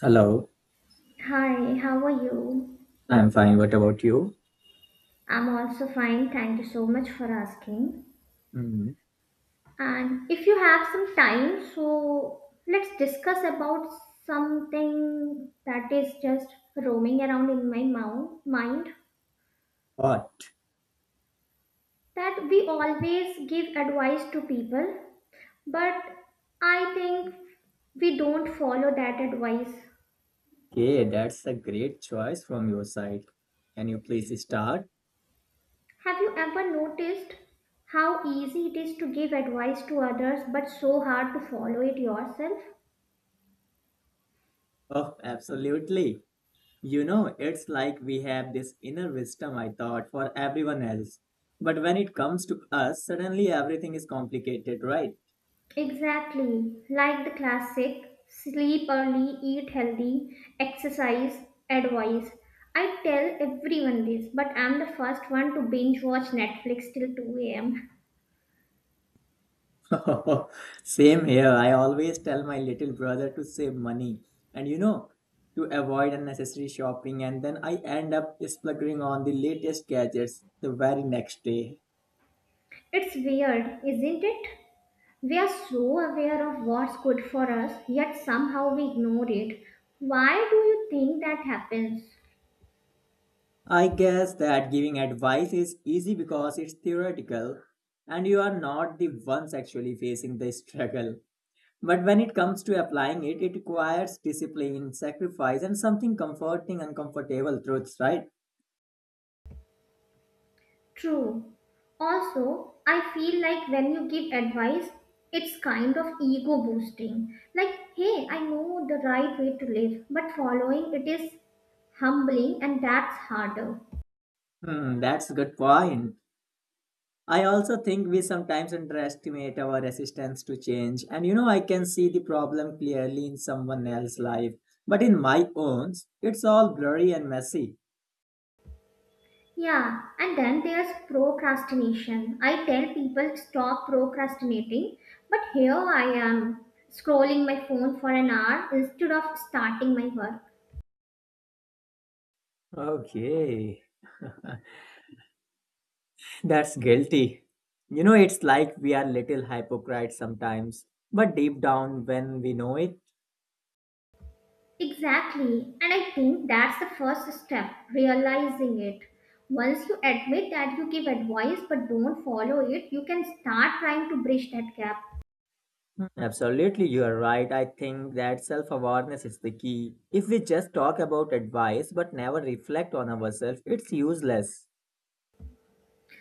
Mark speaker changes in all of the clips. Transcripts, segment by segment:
Speaker 1: Hello,
Speaker 2: Hi, how are you?
Speaker 1: I'm fine. What about you?
Speaker 2: I'm also fine. Thank you so much for asking.
Speaker 1: Hmm.
Speaker 2: And if you have some time, so let's discuss about something that is just roaming around in my mind
Speaker 1: What?
Speaker 2: that we always give advice to people, but I think we don't follow that advice.
Speaker 1: Okay, that's a great choice from your side. Can you please start?
Speaker 2: Have you ever noticed how easy it is to give advice to others but so hard to follow it yourself?
Speaker 1: Oh, absolutely. You know, it's like we have this inner wisdom, I thought, for everyone else. But when it comes to us, suddenly everything is complicated, right?
Speaker 2: Exactly, like the classic sleep early, eat healthy, exercise advice. I tell everyone this, but I'm the first one to binge watch Netflix till 2 am.
Speaker 1: Same here. I always tell my little brother to save money and to avoid unnecessary shopping, and then I end up splurging on the latest gadgets the very next day.
Speaker 2: It's weird, isn't it? We are so aware of what's good for us, yet somehow we ignore it. Why do you think that happens?
Speaker 1: I guess that giving advice is easy because it's theoretical and you are not the ones actually facing the struggle. But when it comes to applying it, it requires discipline, sacrifice, and something comforting, uncomfortable truths, right?
Speaker 2: True. Also, I feel like when you give advice, it's kind of ego boosting. Like, hey, I know the right way to live, but following it is humbling and that's harder.
Speaker 1: That's a good point. I also think we sometimes underestimate our resistance to change. And I can see the problem clearly in someone else's life, but in my own, it's all blurry and messy.
Speaker 2: Yeah, and then there's procrastination. I tell people stop procrastinating, but here I am scrolling my phone for an hour instead of starting my work.
Speaker 1: Okay, that's guilty. It's like we are little hypocrites sometimes, but deep down when we know it.
Speaker 2: Exactly. And I think that's the first step, realizing it. Once you admit that you give advice but don't follow it, you can start trying to bridge that gap.
Speaker 1: Absolutely, you are right. I think that self awareness is the key. If we just talk about advice but never reflect on ourselves, it's useless.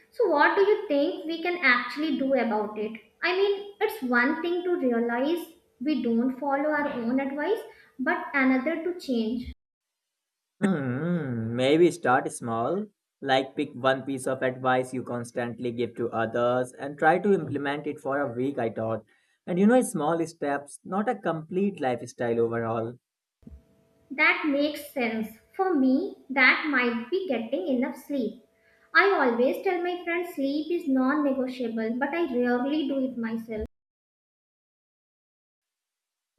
Speaker 2: So, what do you think we can actually do about it? I mean, it's one thing to realize we don't follow our own advice, but another to change.
Speaker 1: Maybe start small, like pick one piece of advice you constantly give to others and try to implement it for a week, I thought. And small steps, not a complete lifestyle overhaul.
Speaker 2: That makes sense. For me, that might be getting enough sleep. I always tell my friends sleep is non negotiable, but I rarely do it myself.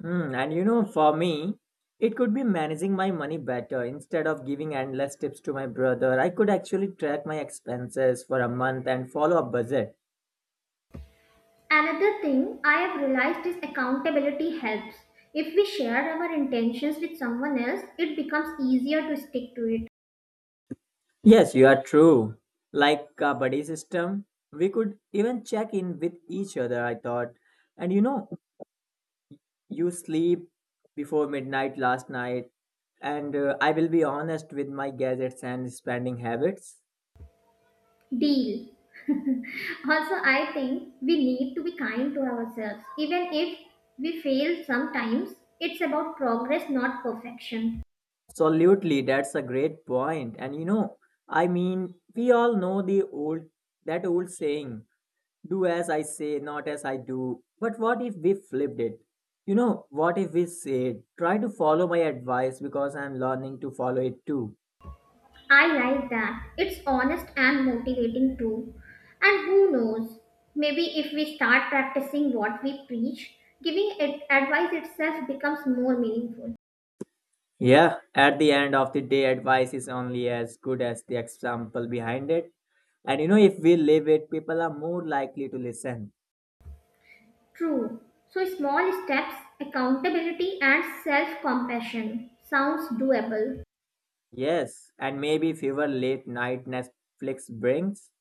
Speaker 1: And for me, it could be managing my money better. Instead of giving endless tips to my brother, I could actually track my expenses for a month and follow a budget.
Speaker 2: Another thing I have realized is accountability helps. If we share our intentions with someone else, it becomes easier to stick to it.
Speaker 1: Yes, you are true. Like a buddy system, we could even check in with each other, I thought. And you sleep before midnight last night, and I will be honest with my gadgets and spending habits.
Speaker 2: Deal. Also, I think we need to be kind to ourselves. Even if we fail sometimes, it's about progress, not perfection.
Speaker 1: Absolutely, that's a great point. And I mean, we all know the old saying, "Do as I say, not as I do." But what if we flipped it? What if we said, "Try to follow my advice because I'm learning to follow it too."
Speaker 2: I like that. It's honest and motivating too. And who knows? Maybe if we start practicing what we preach, giving it advice itself becomes more meaningful.
Speaker 1: Yeah, at the end of the day, advice is only as good as the example behind it. And if we live it, people are more likely to listen.
Speaker 2: True. So small steps, accountability, and self compassion sounds doable.
Speaker 1: Yes. And maybe fewer late night Netflix brings.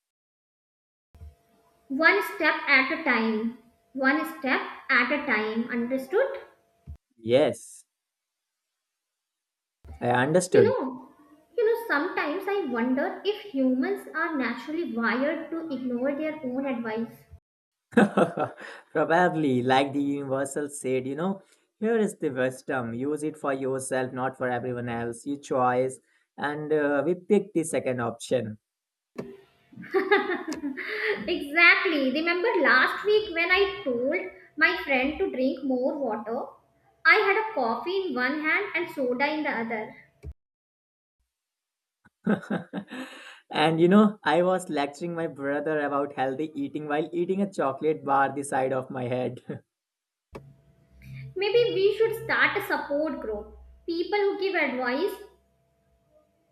Speaker 2: One step at a time. One step at a time. Understood?
Speaker 1: Yes. I
Speaker 2: You
Speaker 1: understood.
Speaker 2: know, Sometimes I wonder if humans are naturally wired to ignore their own advice.
Speaker 1: Probably, like the Universal said, here is the wisdom. Use it for yourself, not for everyone else. Your choice. And we picked the second option.
Speaker 2: Exactly. Remember last week when I told my friend to drink more water? I had a coffee in one hand and soda in the other.
Speaker 1: And I was lecturing my brother about healthy eating while eating a chocolate bar the side of my head.
Speaker 2: Maybe we should start a support group. People who give advice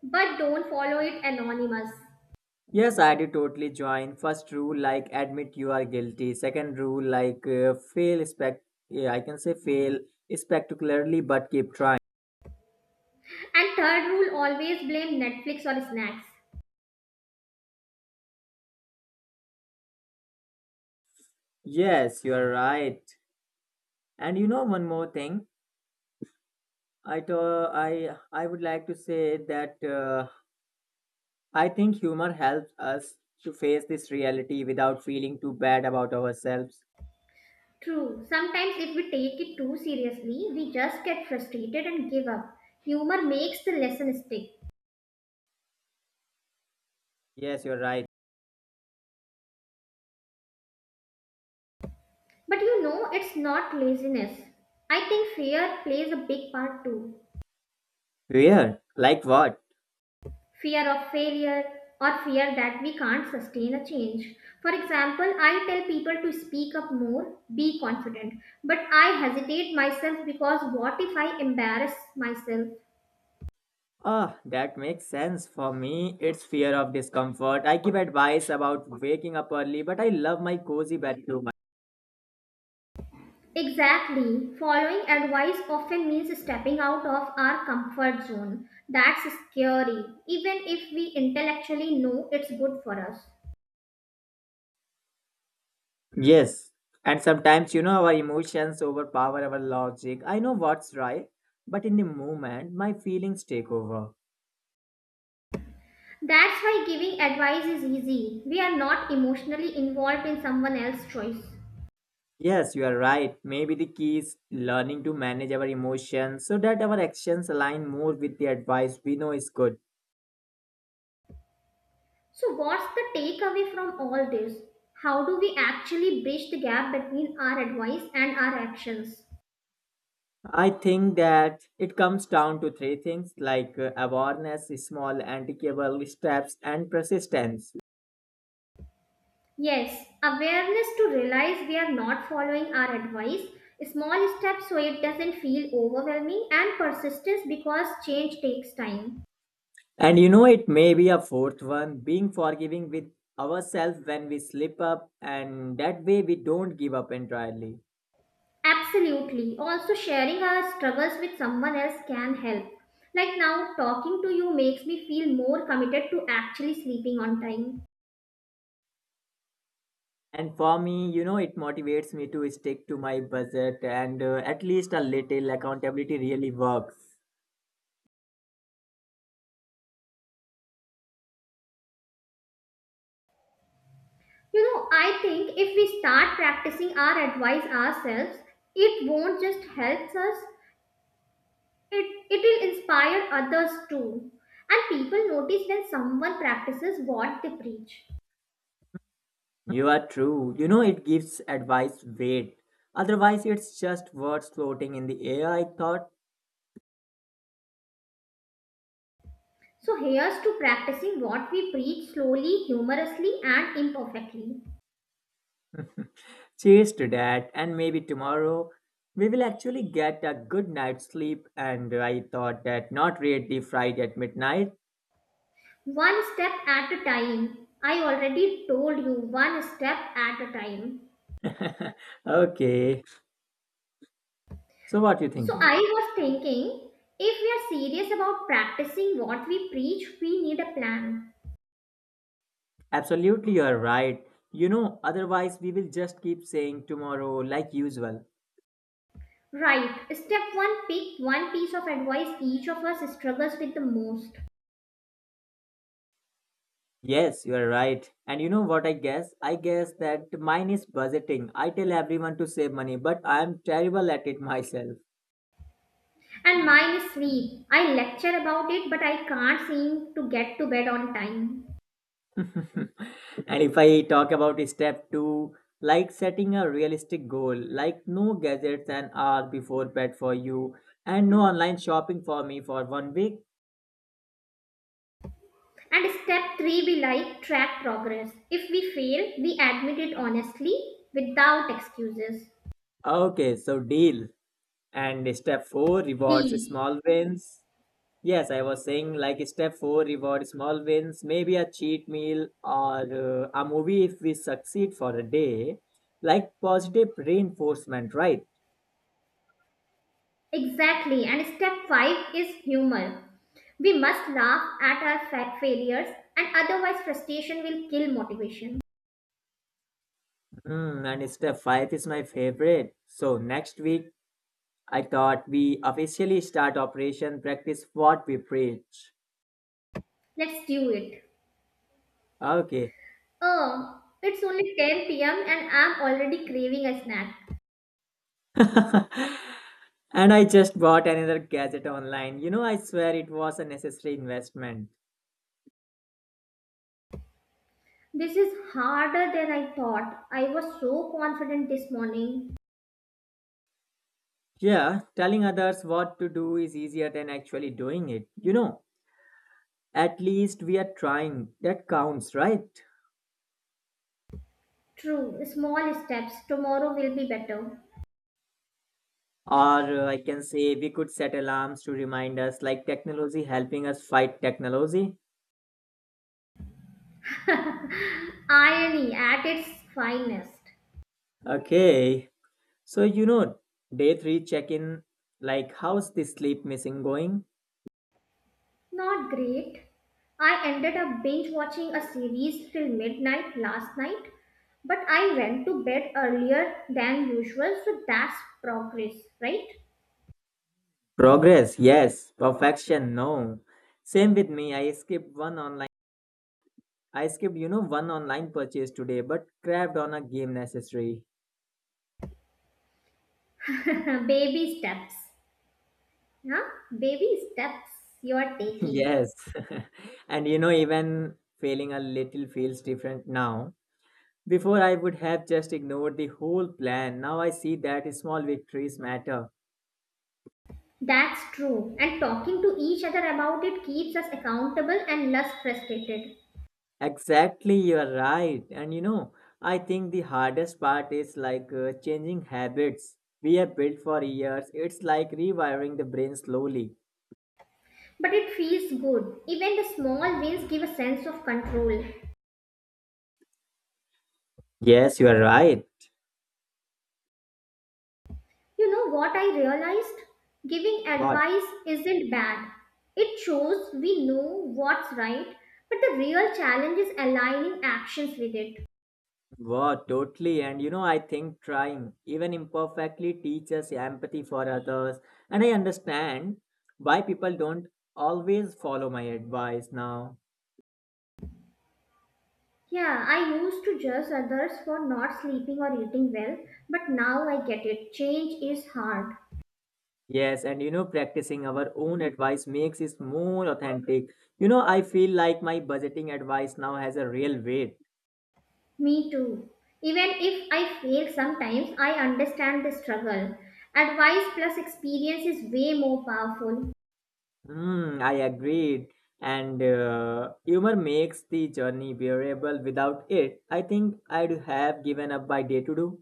Speaker 2: but don't follow it anonymous.
Speaker 1: Yes, I do totally join. First rule, like admit you are guilty. Second rule, like fail spec. Yeah, I can say fail spectacularly, but keep trying.
Speaker 2: And third rule always blame Netflix or snacks.
Speaker 1: Yes, you are right. And you know one more thing. I would like to say that I think humor helps us to face this reality without feeling too bad about ourselves.
Speaker 2: True, sometimes if we take it too seriously, we just get frustrated and give up. Humor makes the lesson stick.
Speaker 1: Yes, you're right.
Speaker 2: But you know, it's not laziness. I think fear plays a big part too.
Speaker 1: Where? Like what?
Speaker 2: Fear of failure or fear that we can't sustain a change. For example, I tell people to speak up more, be confident, but I hesitate myself because what if I embarrass myself?
Speaker 1: Ah, that makes sense. For me, it's fear of discomfort. I give advice about waking up early, but I love my cozy bed too much.
Speaker 2: Exactly. Following advice often means stepping out of our comfort zone. That's scary, even if we intellectually know it's good for us.
Speaker 1: Yes, and sometimes, our emotions overpower our logic. I know what's right, but in the moment, my feelings take over.
Speaker 2: That's why giving advice is easy. We are not emotionally involved in someone else's choice.
Speaker 1: Yes, you are right. Maybe the key is learning to manage our emotions so that our actions align more with the advice we know is good.
Speaker 2: So, what's the takeaway from all this? How do we actually bridge the gap between our advice and our actions?
Speaker 1: I think that it comes down to three things like awareness, small anticable steps, and persistence.
Speaker 2: Yes, awareness to realize we are not following our advice, small steps so it doesn't feel overwhelming, and persistence because change takes time.
Speaker 1: And it may be a fourth one being forgiving with ourselves when we slip up, and that way we don't give up entirely.
Speaker 2: Absolutely. Also, sharing our struggles with someone else can help. Like now, talking to you makes me feel more committed to actually sleeping on time.
Speaker 1: And for me, it motivates me to stick to my budget, and at least a little accountability really works.
Speaker 2: You know, I think if we start practicing our advice ourselves, it won't just help us, it will inspire others too. And people notice when someone practices what they preach.
Speaker 1: You are true. It gives advice weight. Otherwise, it's just words floating in the air, I thought.
Speaker 2: So here's to practicing what we preach slowly, humorously, and imperfectly.
Speaker 1: Cheers to that, and maybe tomorrow we will actually get a good night's sleep. And I thought that not really Friday at midnight.
Speaker 2: One step at a time. I already told you one step at a time.
Speaker 1: Okay, so what you
Speaker 2: So
Speaker 1: thinking?
Speaker 2: I was thinking if we are serious about practicing what we preach, we need a plan.
Speaker 1: Absolutely, you are right. Otherwise we will just keep saying tomorrow like usual.
Speaker 2: Right. Step one pick one piece of advice each of us struggles with the most.
Speaker 1: Yes, you are right. And you know what I guess? I guess that mine is budgeting. I tell everyone to save money, but I am terrible at it myself.
Speaker 2: And mine is sleep. I lecture about it, but I can't seem to get to bed on time.
Speaker 1: And if I talk about step two, like setting a realistic goal, like no gadgets an hour before bed for you, and no online shopping for me for one week.
Speaker 2: And step three be like track progress. If we fail, we admit it honestly without excuses.
Speaker 1: Okay, so deal. And step four rewards
Speaker 2: Deal.
Speaker 1: small wins. Yes, I was saying like step four reward small wins, maybe a cheat meal or a movie if we succeed for a day, like positive reinforcement, right?
Speaker 2: Exactly. And step five is humor. We must laugh at our failures, and otherwise, frustration will kill motivation.
Speaker 1: And step five is my favorite. So next week I thought we officially start operation practice what we preach.
Speaker 2: Let's do it.
Speaker 1: Okay.
Speaker 2: Oh, it's only 10 p.m. and I'm already craving a snack.
Speaker 1: And I just bought another gadget online. I swear it was a necessary investment.
Speaker 2: This is harder than I thought. I was so confident this morning.
Speaker 1: Yeah, telling others what to do is easier than actually doing it. At least we are trying. That counts, right?
Speaker 2: True, small steps. Tomorrow will be better.
Speaker 1: Or I can say we could set alarms to remind us, like technology helping us fight technology.
Speaker 2: Irony at its finest.
Speaker 1: Okay, so, day three check in like, how's the sleep missing going?
Speaker 2: Not great. I ended up binge watching a series till midnight last night, but I went to bed earlier than usual, so that's progress, right?
Speaker 1: Progress, yes. Perfection, no. Same with me. I skipped one online. I skipped, one online purchase today, but crabbed on a game necessary.
Speaker 2: Baby steps. Huh? Baby steps you are taking.
Speaker 1: Yes. And, even failing a little feels different now. Before, I would have just ignored the whole plan. Now I see that small victories matter.
Speaker 2: That's true. And talking to each other about it keeps us accountable and less frustrated.
Speaker 1: Exactly, you're right. And I think the hardest part is like changing habits we have built for years. It's like rewiring the brain slowly.
Speaker 2: But it feels good. Even the small wins give a sense of control.
Speaker 1: Yes, you are right.
Speaker 2: You know what I realized? Giving
Speaker 1: What?
Speaker 2: advice isn't bad. It shows we know what's right, but the real challenge is aligning actions with it.
Speaker 1: What? Totally. And I think trying, even imperfectly, teaches empathy for others. And I understand why people don't always follow my advice now.
Speaker 2: Yeah, I used to judge others for not sleeping or eating well, but now I get it. Change is hard.
Speaker 1: Yes, and practicing our own advice makes it more authentic. I feel like my budgeting advice now has a real weight.
Speaker 2: Me too. Even if I fail sometimes, I understand the struggle. Advice plus experience is way more powerful.
Speaker 1: I agreed. And humor makes the journey bearable. Without it, I think I'd have given up by day to do.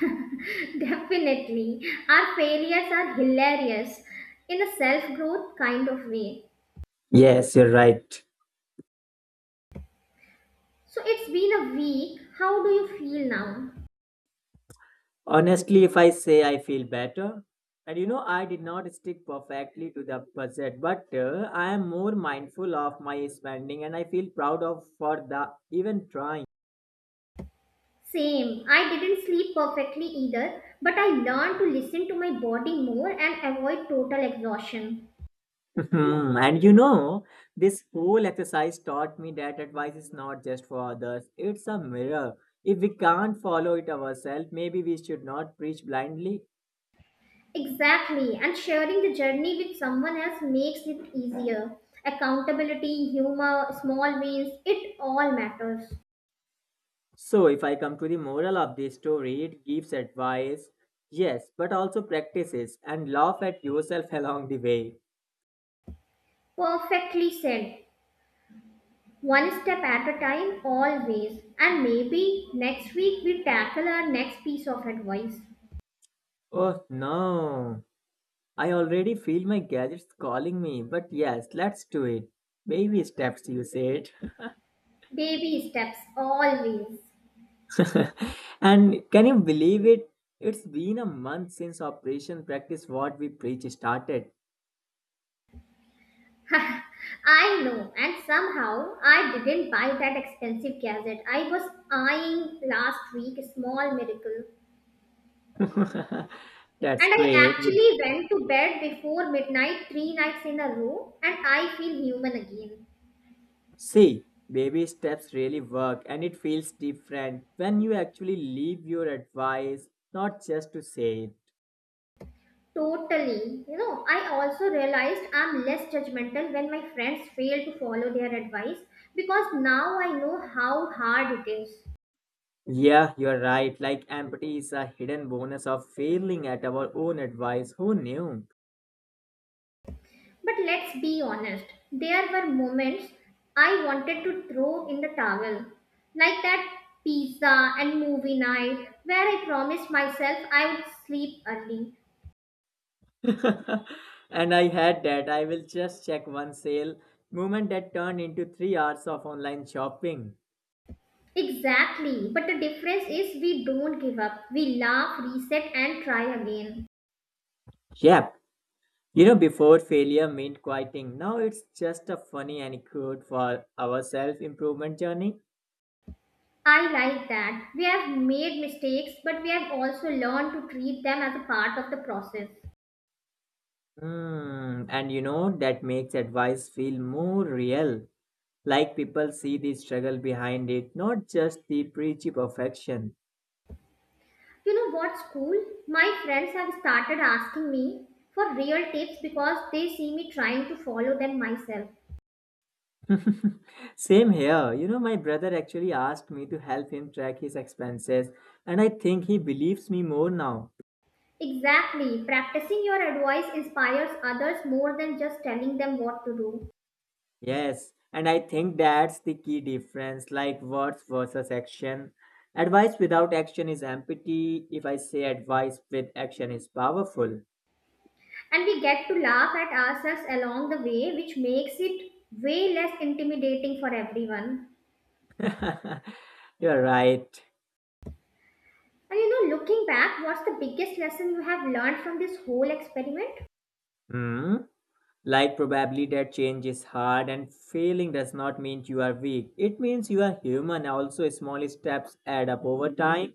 Speaker 2: Definitely. Our failures are hilarious in a self growth kind of way.
Speaker 1: Yes, you're right.
Speaker 2: So it's been a week. How do you feel now?
Speaker 1: Honestly, if I say I feel better, and I did not stick perfectly to the budget, but I am more mindful of my spending and I feel proud of for the even trying.
Speaker 2: Same. I didn't sleep perfectly either, but I learned to listen to my body more and avoid total exhaustion.
Speaker 1: And this whole exercise taught me that advice is not just for others, it's a mirror. If we can't follow it ourselves, maybe we should not preach blindly.
Speaker 2: Exactly, and sharing the journey with someone else makes it easier. Accountability, humor, small wins, it all matters.
Speaker 1: So, if I come to the moral of this story, it gives advice, yes, but also practices and laugh at yourself along the way.
Speaker 2: Perfectly said. One step at a time, always. And maybe next week we tackle our next piece of advice.
Speaker 1: Oh no, I already feel my gadgets calling me, but yes, let's do it. Baby steps, you said.
Speaker 2: Baby steps, always.
Speaker 1: And can you believe it? It's been a month since Operation Practice What We Preach started.
Speaker 2: I know, and somehow I didn't buy that expensive gadget I was eyeing last week. A small miracle.
Speaker 1: That's
Speaker 2: And I
Speaker 1: great. Would
Speaker 2: actually went to bed before midnight three nights in a row, and I feel human again.
Speaker 1: see, baby steps really work and it feels different when you actually leave your advice, not just to say it.
Speaker 2: Totally. You know, I also realized I'm less judgmental when my friends fail to follow their advice because now I know how hard it is.
Speaker 1: Yeah, you're right. Like empathy is a hidden bonus of failing at our own advice. Who knew?
Speaker 2: But let's be honest, there were moments I wanted to throw in the towel, like that pizza and movie night where I promised myself I would sleep early.
Speaker 1: And I had that. I will just check one sale moment that turned into 3 hours of online shopping.
Speaker 2: Exactly. But the difference is we don't give up. We laugh, reset, and try again.
Speaker 1: Yep. Before failure meant quitting. Now it's just a funny anecdote for our self improvement journey.
Speaker 2: I like that. We have made mistakes, but we have also learned to treat them as a part of the process.
Speaker 1: Hmm. And that makes advice feel more real. Like people see the struggle behind it, not just the preachy perfection.
Speaker 2: You know what's cool? My friends have started asking me for real tips because they see me trying to follow them myself.
Speaker 1: Same here. My brother actually asked me to help him track his expenses, and I think he believes me more now.
Speaker 2: Exactly. Practicing your advice inspires others more than just telling them what to do.
Speaker 1: Yes, and I think that's the key difference like words versus action. Advice without action is empty. If I say advice with action is powerful.
Speaker 2: And we get to laugh at ourselves along the way, which makes it way less intimidating for everyone.
Speaker 1: You're right.
Speaker 2: And you know, looking back, what's the biggest lesson you have learned from this whole experiment?
Speaker 1: Hmm? Like, probably that change is hard, and failing does not mean you are weak. It means you are human. Also, small steps add up over time.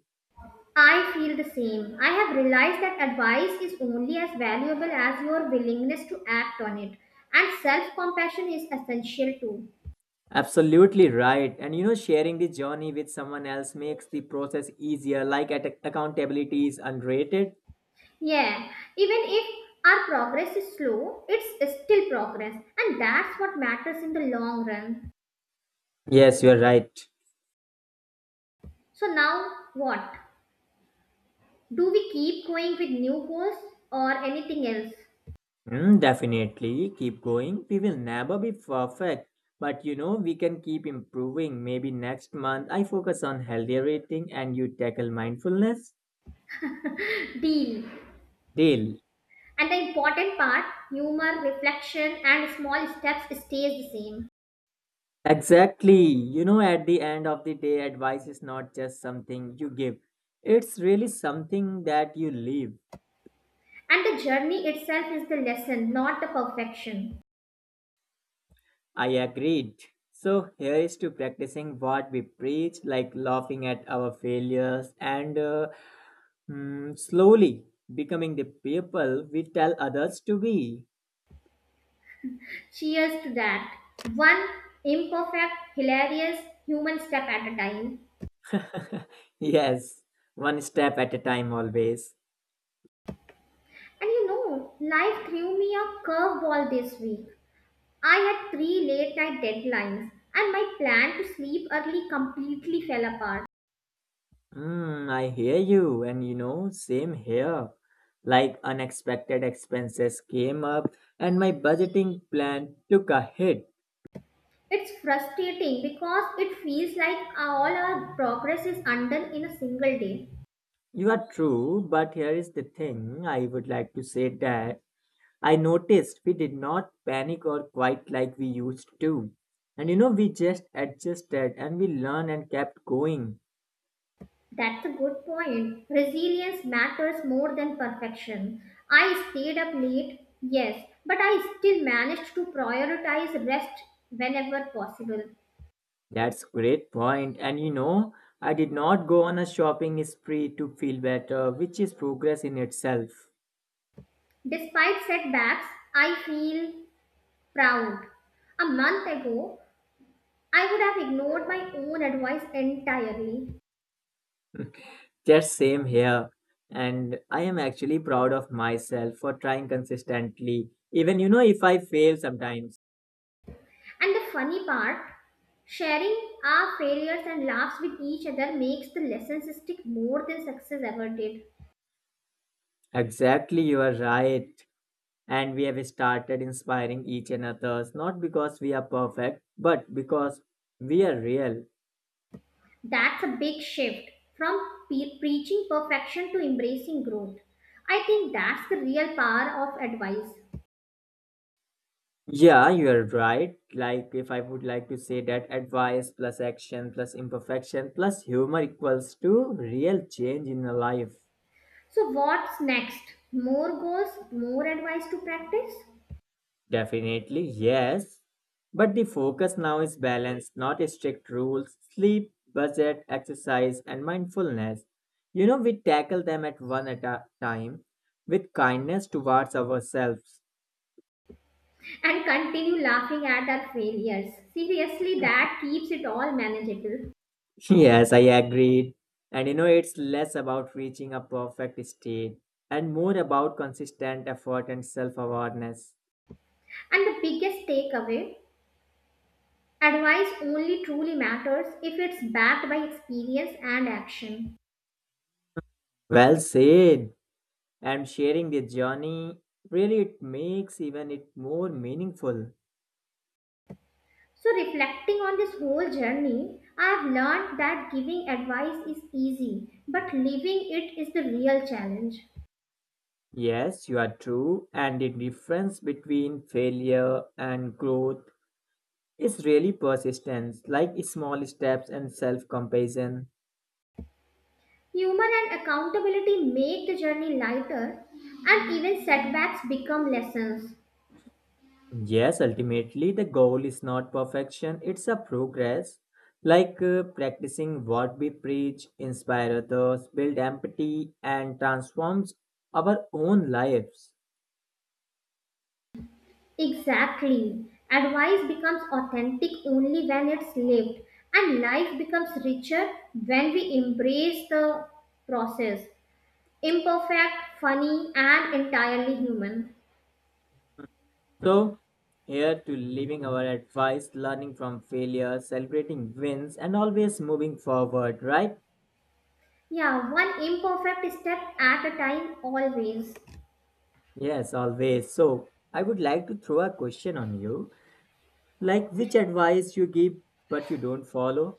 Speaker 2: I feel the same. I have realized that advice is only as valuable as your willingness to act on it, and self compassion is essential too.
Speaker 1: Absolutely right. And sharing the journey with someone else makes the process easier, like at accountability is underrated.
Speaker 2: Yeah, even if our progress is slow, it's still progress, and that's what matters in the long run.
Speaker 1: Yes, you're right.
Speaker 2: So now what? Do we keep going with new goals or anything else?
Speaker 1: Definitely. Keep going. We will never be perfect. But we can keep improving. Maybe next month I focus on healthier eating and you tackle mindfulness.
Speaker 2: Deal.
Speaker 1: Deal.
Speaker 2: And the important part, humor, reflection, and small steps stays the same.
Speaker 1: Exactly. At the end of the day, advice is not just something you give, it's really something that you live.
Speaker 2: And the journey itself is the lesson, not the perfection.
Speaker 1: I agreed. So here is to practicing what we preach, like laughing at our failures and slowly becoming the people we tell others to be.
Speaker 2: Cheers to that. One imperfect, hilarious human step at a time.
Speaker 1: Yes, one step at a time always.
Speaker 2: And you know, life threw me a curveball this week. I had three late night deadlines, and my plan to sleep early completely fell apart.
Speaker 1: I hear you, and same here. Like unexpected expenses came up, and my budgeting plan took a hit.
Speaker 2: It's frustrating because it feels like all our progress is undone in a single day.
Speaker 1: You are true, but here is the thing I would like to say that I noticed we did not panic or quite like we used to. And we just adjusted and we learned and kept going.
Speaker 2: That's a good point. Resilience matters more than perfection. I stayed up late, yes, but I still managed to prioritize rest whenever possible.
Speaker 1: That's great point. And I did not go on a shopping spree to feel better, which is progress in itself.
Speaker 2: Despite setbacks, I feel proud. A month ago, I would have ignored my own advice entirely.
Speaker 1: Just same here. And I am actually proud of myself for trying consistently, even if I fail sometimes.
Speaker 2: And the funny part, sharing our failures and laughs with each other makes the lessons stick more than success ever did.
Speaker 1: Exactly, you are right. And we have started inspiring each and not because we are perfect but because we are real.
Speaker 2: That's a big shift from preaching perfection to embracing growth. I think that's the real power of advice.
Speaker 1: Yeah, you're right. Like if I would like to say that advice plus action plus imperfection plus humor equals to real change in a life.
Speaker 2: So, what's next? More goals, more advice to practice,
Speaker 1: Definitely, yes, but the focus now is balance, not strict rules. Sleep, budget, exercise, and mindfulness. We tackle them at one at a time with kindness towards ourselves.
Speaker 2: and continue laughing at our failures. Seriously, that keeps it all manageable.
Speaker 1: Yes, I agreed. And it's less about reaching a perfect state and more about consistent effort and self awareness.
Speaker 2: And the biggest takeaway: advice only truly matters if it's backed by experience and action.
Speaker 1: Well said. And sharing the journey really it makes even it more meaningful.
Speaker 2: So, reflecting on this whole journey, I've learned that giving advice is easy, but living it is the real challenge.
Speaker 1: Yes, you are true. And the difference between failure and growth is really persistence, like small steps and self compassion.
Speaker 2: Humor and accountability make the journey lighter, and even setbacks become lessons.
Speaker 1: Yes, ultimately, the goal is not perfection, it's a progress. Like practicing what we preach, inspire others, build empathy, and transforms our own lives.
Speaker 2: Exactly. Advice becomes authentic only when it's lived, and life becomes richer when we embrace the process. Imperfect, funny, and entirely human.
Speaker 1: So, here to living our advice, learning from failure, celebrating wins, and always moving forward, right?
Speaker 2: Yeah, one imperfect step at a time, always.
Speaker 1: Yes, always. So, I would like to throw a question on you. Like, which advice you give but you don't follow?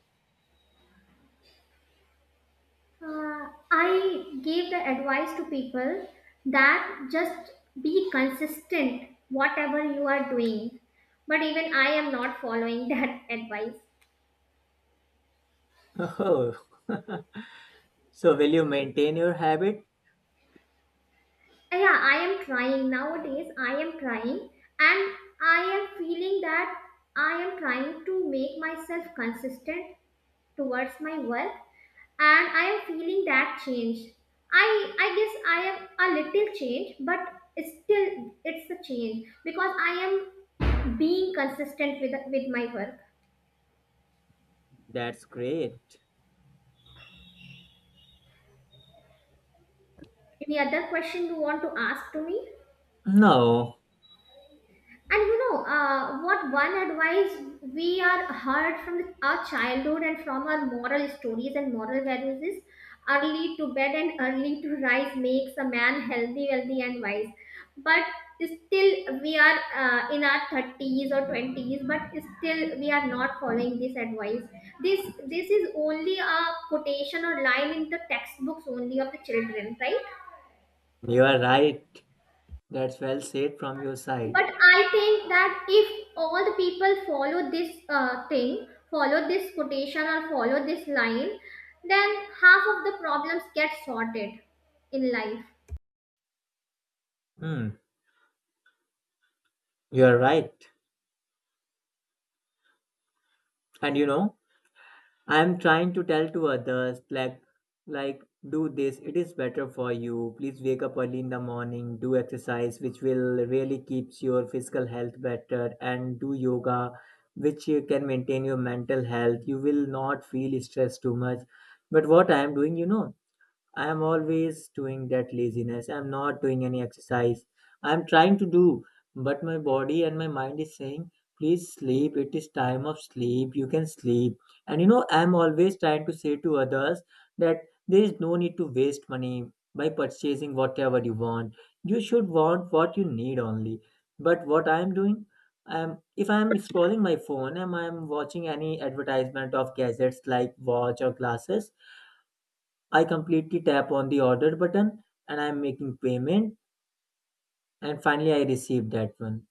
Speaker 2: I give the advice to people that just be consistent, whatever you are doing. But even I am not following that advice.
Speaker 1: Oh. So, will you maintain your habit?
Speaker 2: Yeah, I am trying nowadays. I am trying, and I am feeling that I am trying to make myself consistent towards my work, and I am feeling that change. I i guess I am a little change, but it's still, it's a change because I am being consistent with my work.
Speaker 1: That's great.
Speaker 2: Any other question you want to ask to me?
Speaker 1: No.
Speaker 2: And you know, what one advice we are heard from our childhood and from our moral stories and moral values is early to bed and early to rise makes a man healthy, wealthy, and wise. But still, we are in our 30s or 20s, but still, we are not following this advice. This, this is only a quotation or line in the textbooks only of the children, right?
Speaker 1: You are right. That's well said from your side.
Speaker 2: But I think that if all the people follow this thing, follow this quotation or follow this line, then half of the problems get sorted in life.
Speaker 1: Hmm. You are right. And I am trying to tell to others like do this. It is better for you. Please wake up early in the morning, do exercise which will really keeps your physical health better and do yoga which you can maintain your mental health. You will not feel stress too much. But what I am doing, I am always doing that laziness. I'm not doing any exercise. I'm trying to do, but my body and my mind is saying, please sleep. It is time of sleep. You can sleep. And I'm always trying to say to others that there is no need to waste money by purchasing whatever you want. You should want what you need only. But what I'm doing, if I'm scrolling my phone and I'm watching any advertisement of gadgets like watch or glasses, I completely tap on the order button and I'm making payment and finally I receive that one.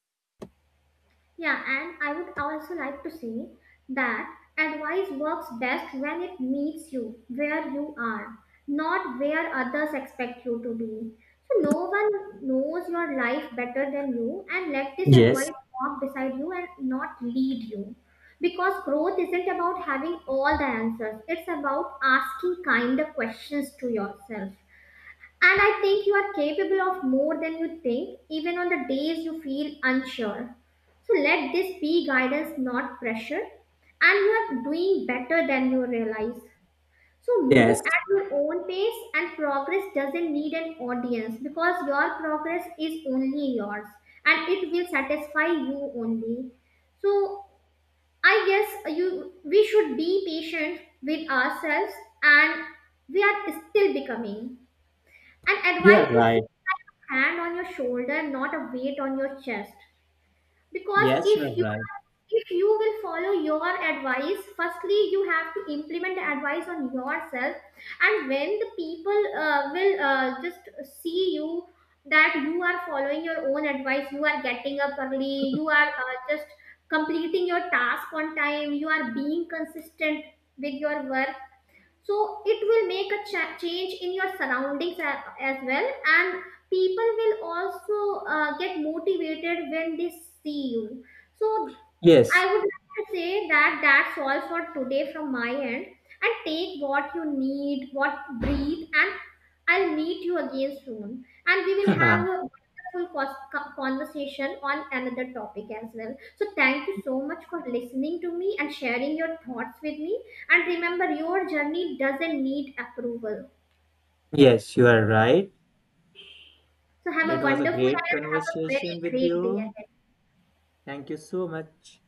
Speaker 2: Yeah, and I would also like to say that advice works best when it meets you where you are, not where others expect you to be. So, no one knows your life better than you, and let this
Speaker 1: Yes,
Speaker 2: advice walk beside you and not lead you. Because growth isn't about having all the answers, it's about asking kinder questions to yourself. And I think you are capable of more than you think, even on the days you feel unsure. So let this be guidance, not pressure. And you are doing better than you realize. So move
Speaker 1: yes,
Speaker 2: at your own pace, and progress doesn't need an audience because your progress is only yours, and it will satisfy you only. So I guess you we should be patient with ourselves, and we are still becoming. And
Speaker 1: you
Speaker 2: advice
Speaker 1: are
Speaker 2: should
Speaker 1: right.
Speaker 2: feel like a hand on your shoulder, not a weight on your chest. Because
Speaker 1: Yes, you
Speaker 2: if
Speaker 1: are
Speaker 2: you
Speaker 1: right.
Speaker 2: if you will follow your advice, firstly you have to implement the advice on yourself, and when the people will just see you that you are following your own advice, you are getting up early, you are just completing your task on time, you are being consistent with your work, so it will make a change in your surroundings as well. And people will also get motivated when they see you. So I
Speaker 1: Yes.
Speaker 2: would like to say that that's all for today from my end. And take what you need, what breathe, and I'll meet you again soon. And we will have a wonderful conversation on another topic as well. So thank you so much for listening to me and sharing your thoughts with me. And remember, your journey doesn't need approval.
Speaker 1: Yes, you are right.
Speaker 2: So have a
Speaker 1: It was a
Speaker 2: wonderful and have
Speaker 1: great
Speaker 2: a very
Speaker 1: conversation with
Speaker 2: great day
Speaker 1: you.
Speaker 2: ahead.
Speaker 1: Thank you so much.